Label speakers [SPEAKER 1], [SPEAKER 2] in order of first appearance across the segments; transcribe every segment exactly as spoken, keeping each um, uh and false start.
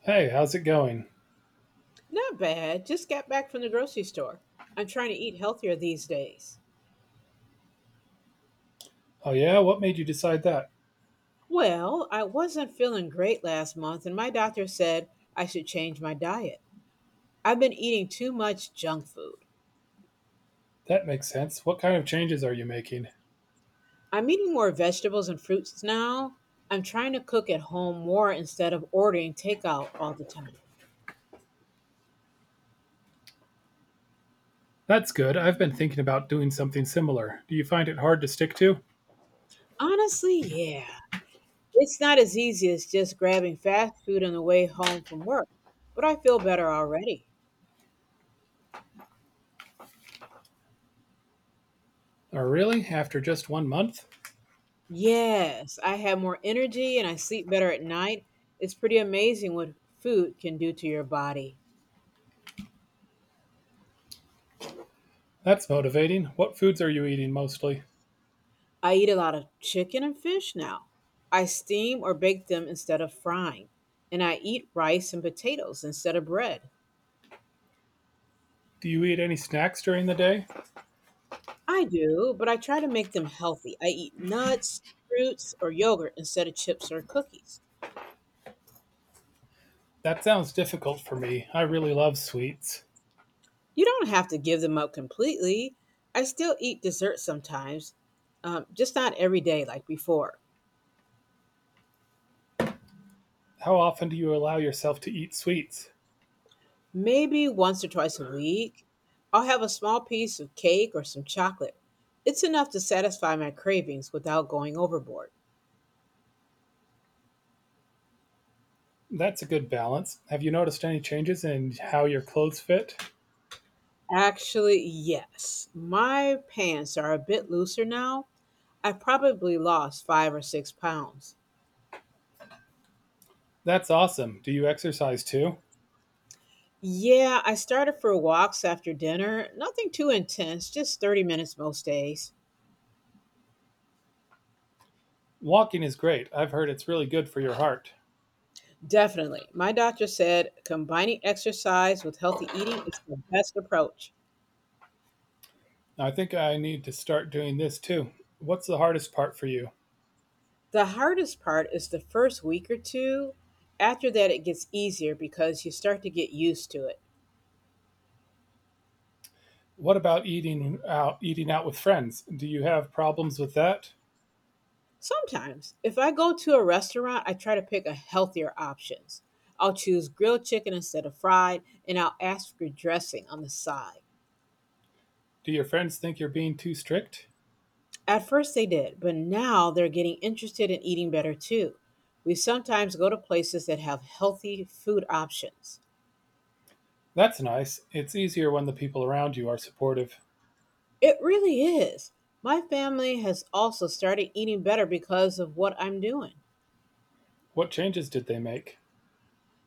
[SPEAKER 1] Hey, how's it going?
[SPEAKER 2] Not bad. Just got back from the grocery store. I'm trying to eat healthier these days.
[SPEAKER 1] Oh, yeah? What made you decide that?
[SPEAKER 2] Well, I wasn't feeling great last month, and my doctor said I should change my diet. I've been eating too much junk food.
[SPEAKER 1] That makes sense. What kind of changes are you making?
[SPEAKER 2] I'm eating more vegetables and fruits now. I'm trying to cook at home more instead of ordering takeout all the time.
[SPEAKER 1] That's good. I've been thinking about doing something similar. Do you find it hard to stick to?
[SPEAKER 2] Honestly, yeah. It's not as easy as just grabbing fast food on the way home from work, but I feel better already.
[SPEAKER 1] Oh, really? After just one month?
[SPEAKER 2] Yes, I have more energy and I sleep better at night. It's pretty amazing what food can do to your body.
[SPEAKER 1] That's motivating. What foods are you eating mostly?
[SPEAKER 2] I eat a lot of chicken and fish now. I steam or bake them instead of frying. And I eat rice and potatoes instead of bread.
[SPEAKER 1] Do you eat any snacks during the day?
[SPEAKER 2] I do, but I try to make them healthy. I eat nuts, fruits, or yogurt instead of chips or cookies.
[SPEAKER 1] That sounds difficult for me. I really love sweets.
[SPEAKER 2] You don't have to give them up completely. I still eat dessert sometimes, um, just not every day like before.
[SPEAKER 1] How often do you allow yourself to eat sweets?
[SPEAKER 2] Maybe once or twice a week, I'll have a small piece of cake or some chocolate. It's enough to satisfy my cravings without going overboard.
[SPEAKER 1] That's a good balance. Have you noticed any changes in how your clothes fit?
[SPEAKER 2] Actually, yes. My pants are a bit looser now. I've probably lost five or six pounds.
[SPEAKER 1] That's awesome. Do you exercise too?
[SPEAKER 2] Yeah, I started for walks after dinner. Nothing too intense, just thirty minutes most days.
[SPEAKER 1] Walking is great. I've heard it's really good for your heart.
[SPEAKER 2] Definitely. My doctor said combining exercise with healthy eating is the best approach.
[SPEAKER 1] I think I need to start doing this too. What's the hardest part for you?
[SPEAKER 2] The hardest part is the first week or two. After that, it gets easier because you start to get used to it.
[SPEAKER 1] What about eating out eating out with friends? Do you have problems with that?
[SPEAKER 2] Sometimes, if I go to a restaurant, I try to pick a healthier options. I'll choose grilled chicken instead of fried, and I'll ask for dressing on the side.
[SPEAKER 1] Do your friends think you're being too strict?
[SPEAKER 2] At first, they did, but now they're getting interested in eating better too. We sometimes go to places that have healthy food options.
[SPEAKER 1] That's nice. It's easier when the people around you are supportive.
[SPEAKER 2] It really is. My family has also started eating better because of what I'm doing.
[SPEAKER 1] What changes did they make?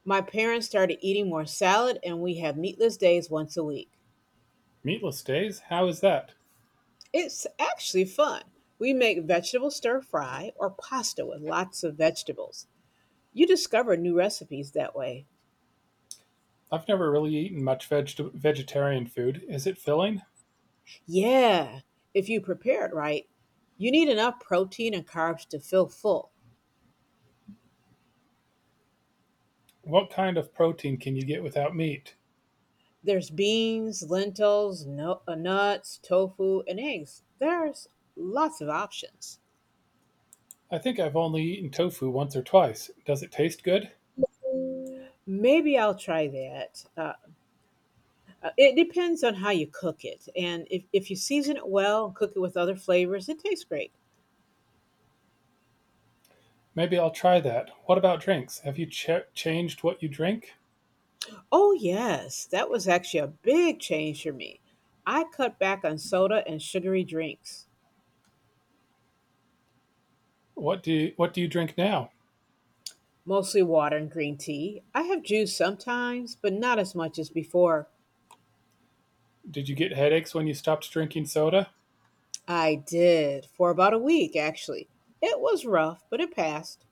[SPEAKER 2] My parents started eating more salad, and we have meatless days once a week.
[SPEAKER 1] Meatless days? How is that?
[SPEAKER 2] It's actually fun. We make vegetable stir fry or pasta with lots of vegetables. You discover new recipes that way.
[SPEAKER 1] I've never really eaten much veg- vegetarian food. Is it filling?
[SPEAKER 2] Yeah, if you prepare it right, you need enough protein and carbs to feel full.
[SPEAKER 1] What kind of protein can you get without meat?
[SPEAKER 2] There's beans, lentils, nu- uh, nuts, tofu, and eggs. There's lots of options.
[SPEAKER 1] I think I've only eaten tofu once or twice. Does it taste good?
[SPEAKER 2] Maybe I'll try that. Uh, Uh, It depends on how you cook it. And if, if you season it well and cook it with other flavors, it tastes great.
[SPEAKER 1] Maybe I'll try that. What about drinks? Have you ch- changed what you drink?
[SPEAKER 2] Oh, yes, that was actually a big change for me. I cut back on soda and sugary drinks,
[SPEAKER 1] What do you, what do you drink now?
[SPEAKER 2] mostly water and green tea. I have juice sometimes, but not as much as before.
[SPEAKER 1] Did you get headaches when you stopped drinking soda?
[SPEAKER 2] I did for about a week, actually. It was rough, but it passed.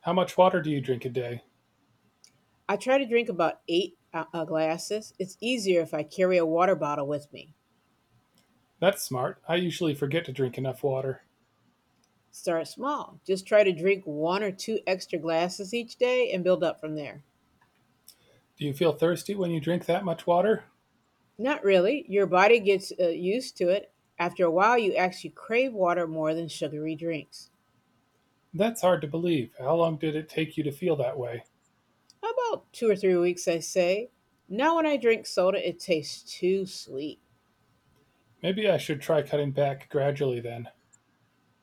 [SPEAKER 1] How much water do you drink a day?
[SPEAKER 2] I try to drink about eight uh, uh, glasses. It's easier if I carry a water bottle with me.
[SPEAKER 1] That's smart. I usually forget to drink enough water.
[SPEAKER 2] Start small. Just try to drink one or two extra glasses each day and build up from there.
[SPEAKER 1] Do you feel thirsty when you drink that much water?
[SPEAKER 2] Not really. Your body gets uh, used to it. After a while, you actually crave water more than sugary drinks.
[SPEAKER 1] That's hard to believe. How long did it take you to feel that way?
[SPEAKER 2] About two or three weeks, I say. Now, when I drink soda, it tastes too sweet.
[SPEAKER 1] Maybe I should try cutting back gradually then.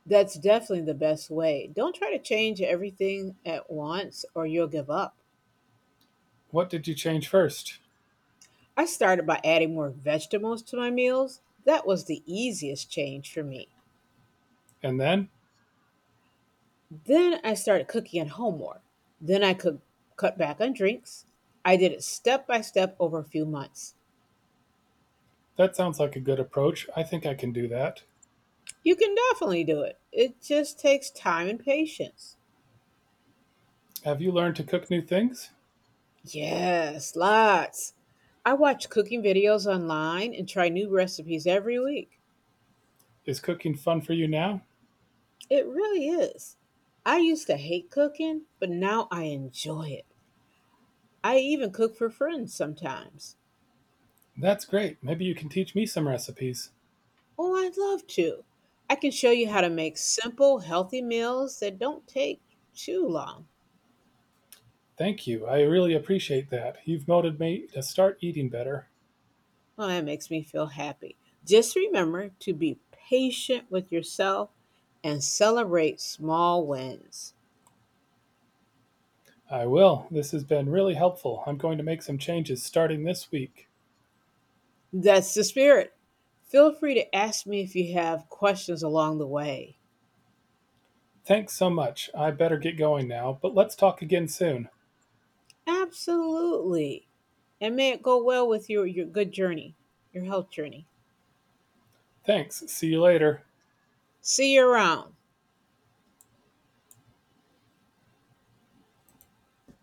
[SPEAKER 2] That's definitely the best way. Don't try to change everything at once or you'll give up.
[SPEAKER 1] What did you change first?
[SPEAKER 2] I started by adding more vegetables to my meals. That was the easiest change for me.
[SPEAKER 1] And then?
[SPEAKER 2] Then I started cooking at home more. Then I could cut back on drinks. I did it step by step over a few months.
[SPEAKER 1] That sounds like a good approach. I think I can do that.
[SPEAKER 2] You can definitely do it. It just takes time and patience.
[SPEAKER 1] Have you learned to cook new things?
[SPEAKER 2] Yes, lots. I watch cooking videos online and try new recipes every week.
[SPEAKER 1] Is cooking fun for you now?
[SPEAKER 2] It really is. I used to hate cooking, but now I enjoy it. I even cook for friends sometimes.
[SPEAKER 1] That's great. Maybe you can teach me some recipes.
[SPEAKER 2] Oh, I'd love to. I can show you how to make simple, healthy meals that don't take too long.
[SPEAKER 1] Thank you. I really appreciate that. You've motivated me to start eating better.
[SPEAKER 2] Well, that makes me feel happy. Just remember to be patient with yourself and celebrate small wins.
[SPEAKER 1] I will. This has been really helpful. I'm going to make some changes starting this week.
[SPEAKER 2] That's the spirit. Feel free to ask me if you have questions along the way.
[SPEAKER 1] Thanks so much. I better get going now, but let's talk again soon.
[SPEAKER 2] Absolutely. And may it go well with your, your good journey, your health journey.
[SPEAKER 1] Thanks. See you later.
[SPEAKER 2] See you around.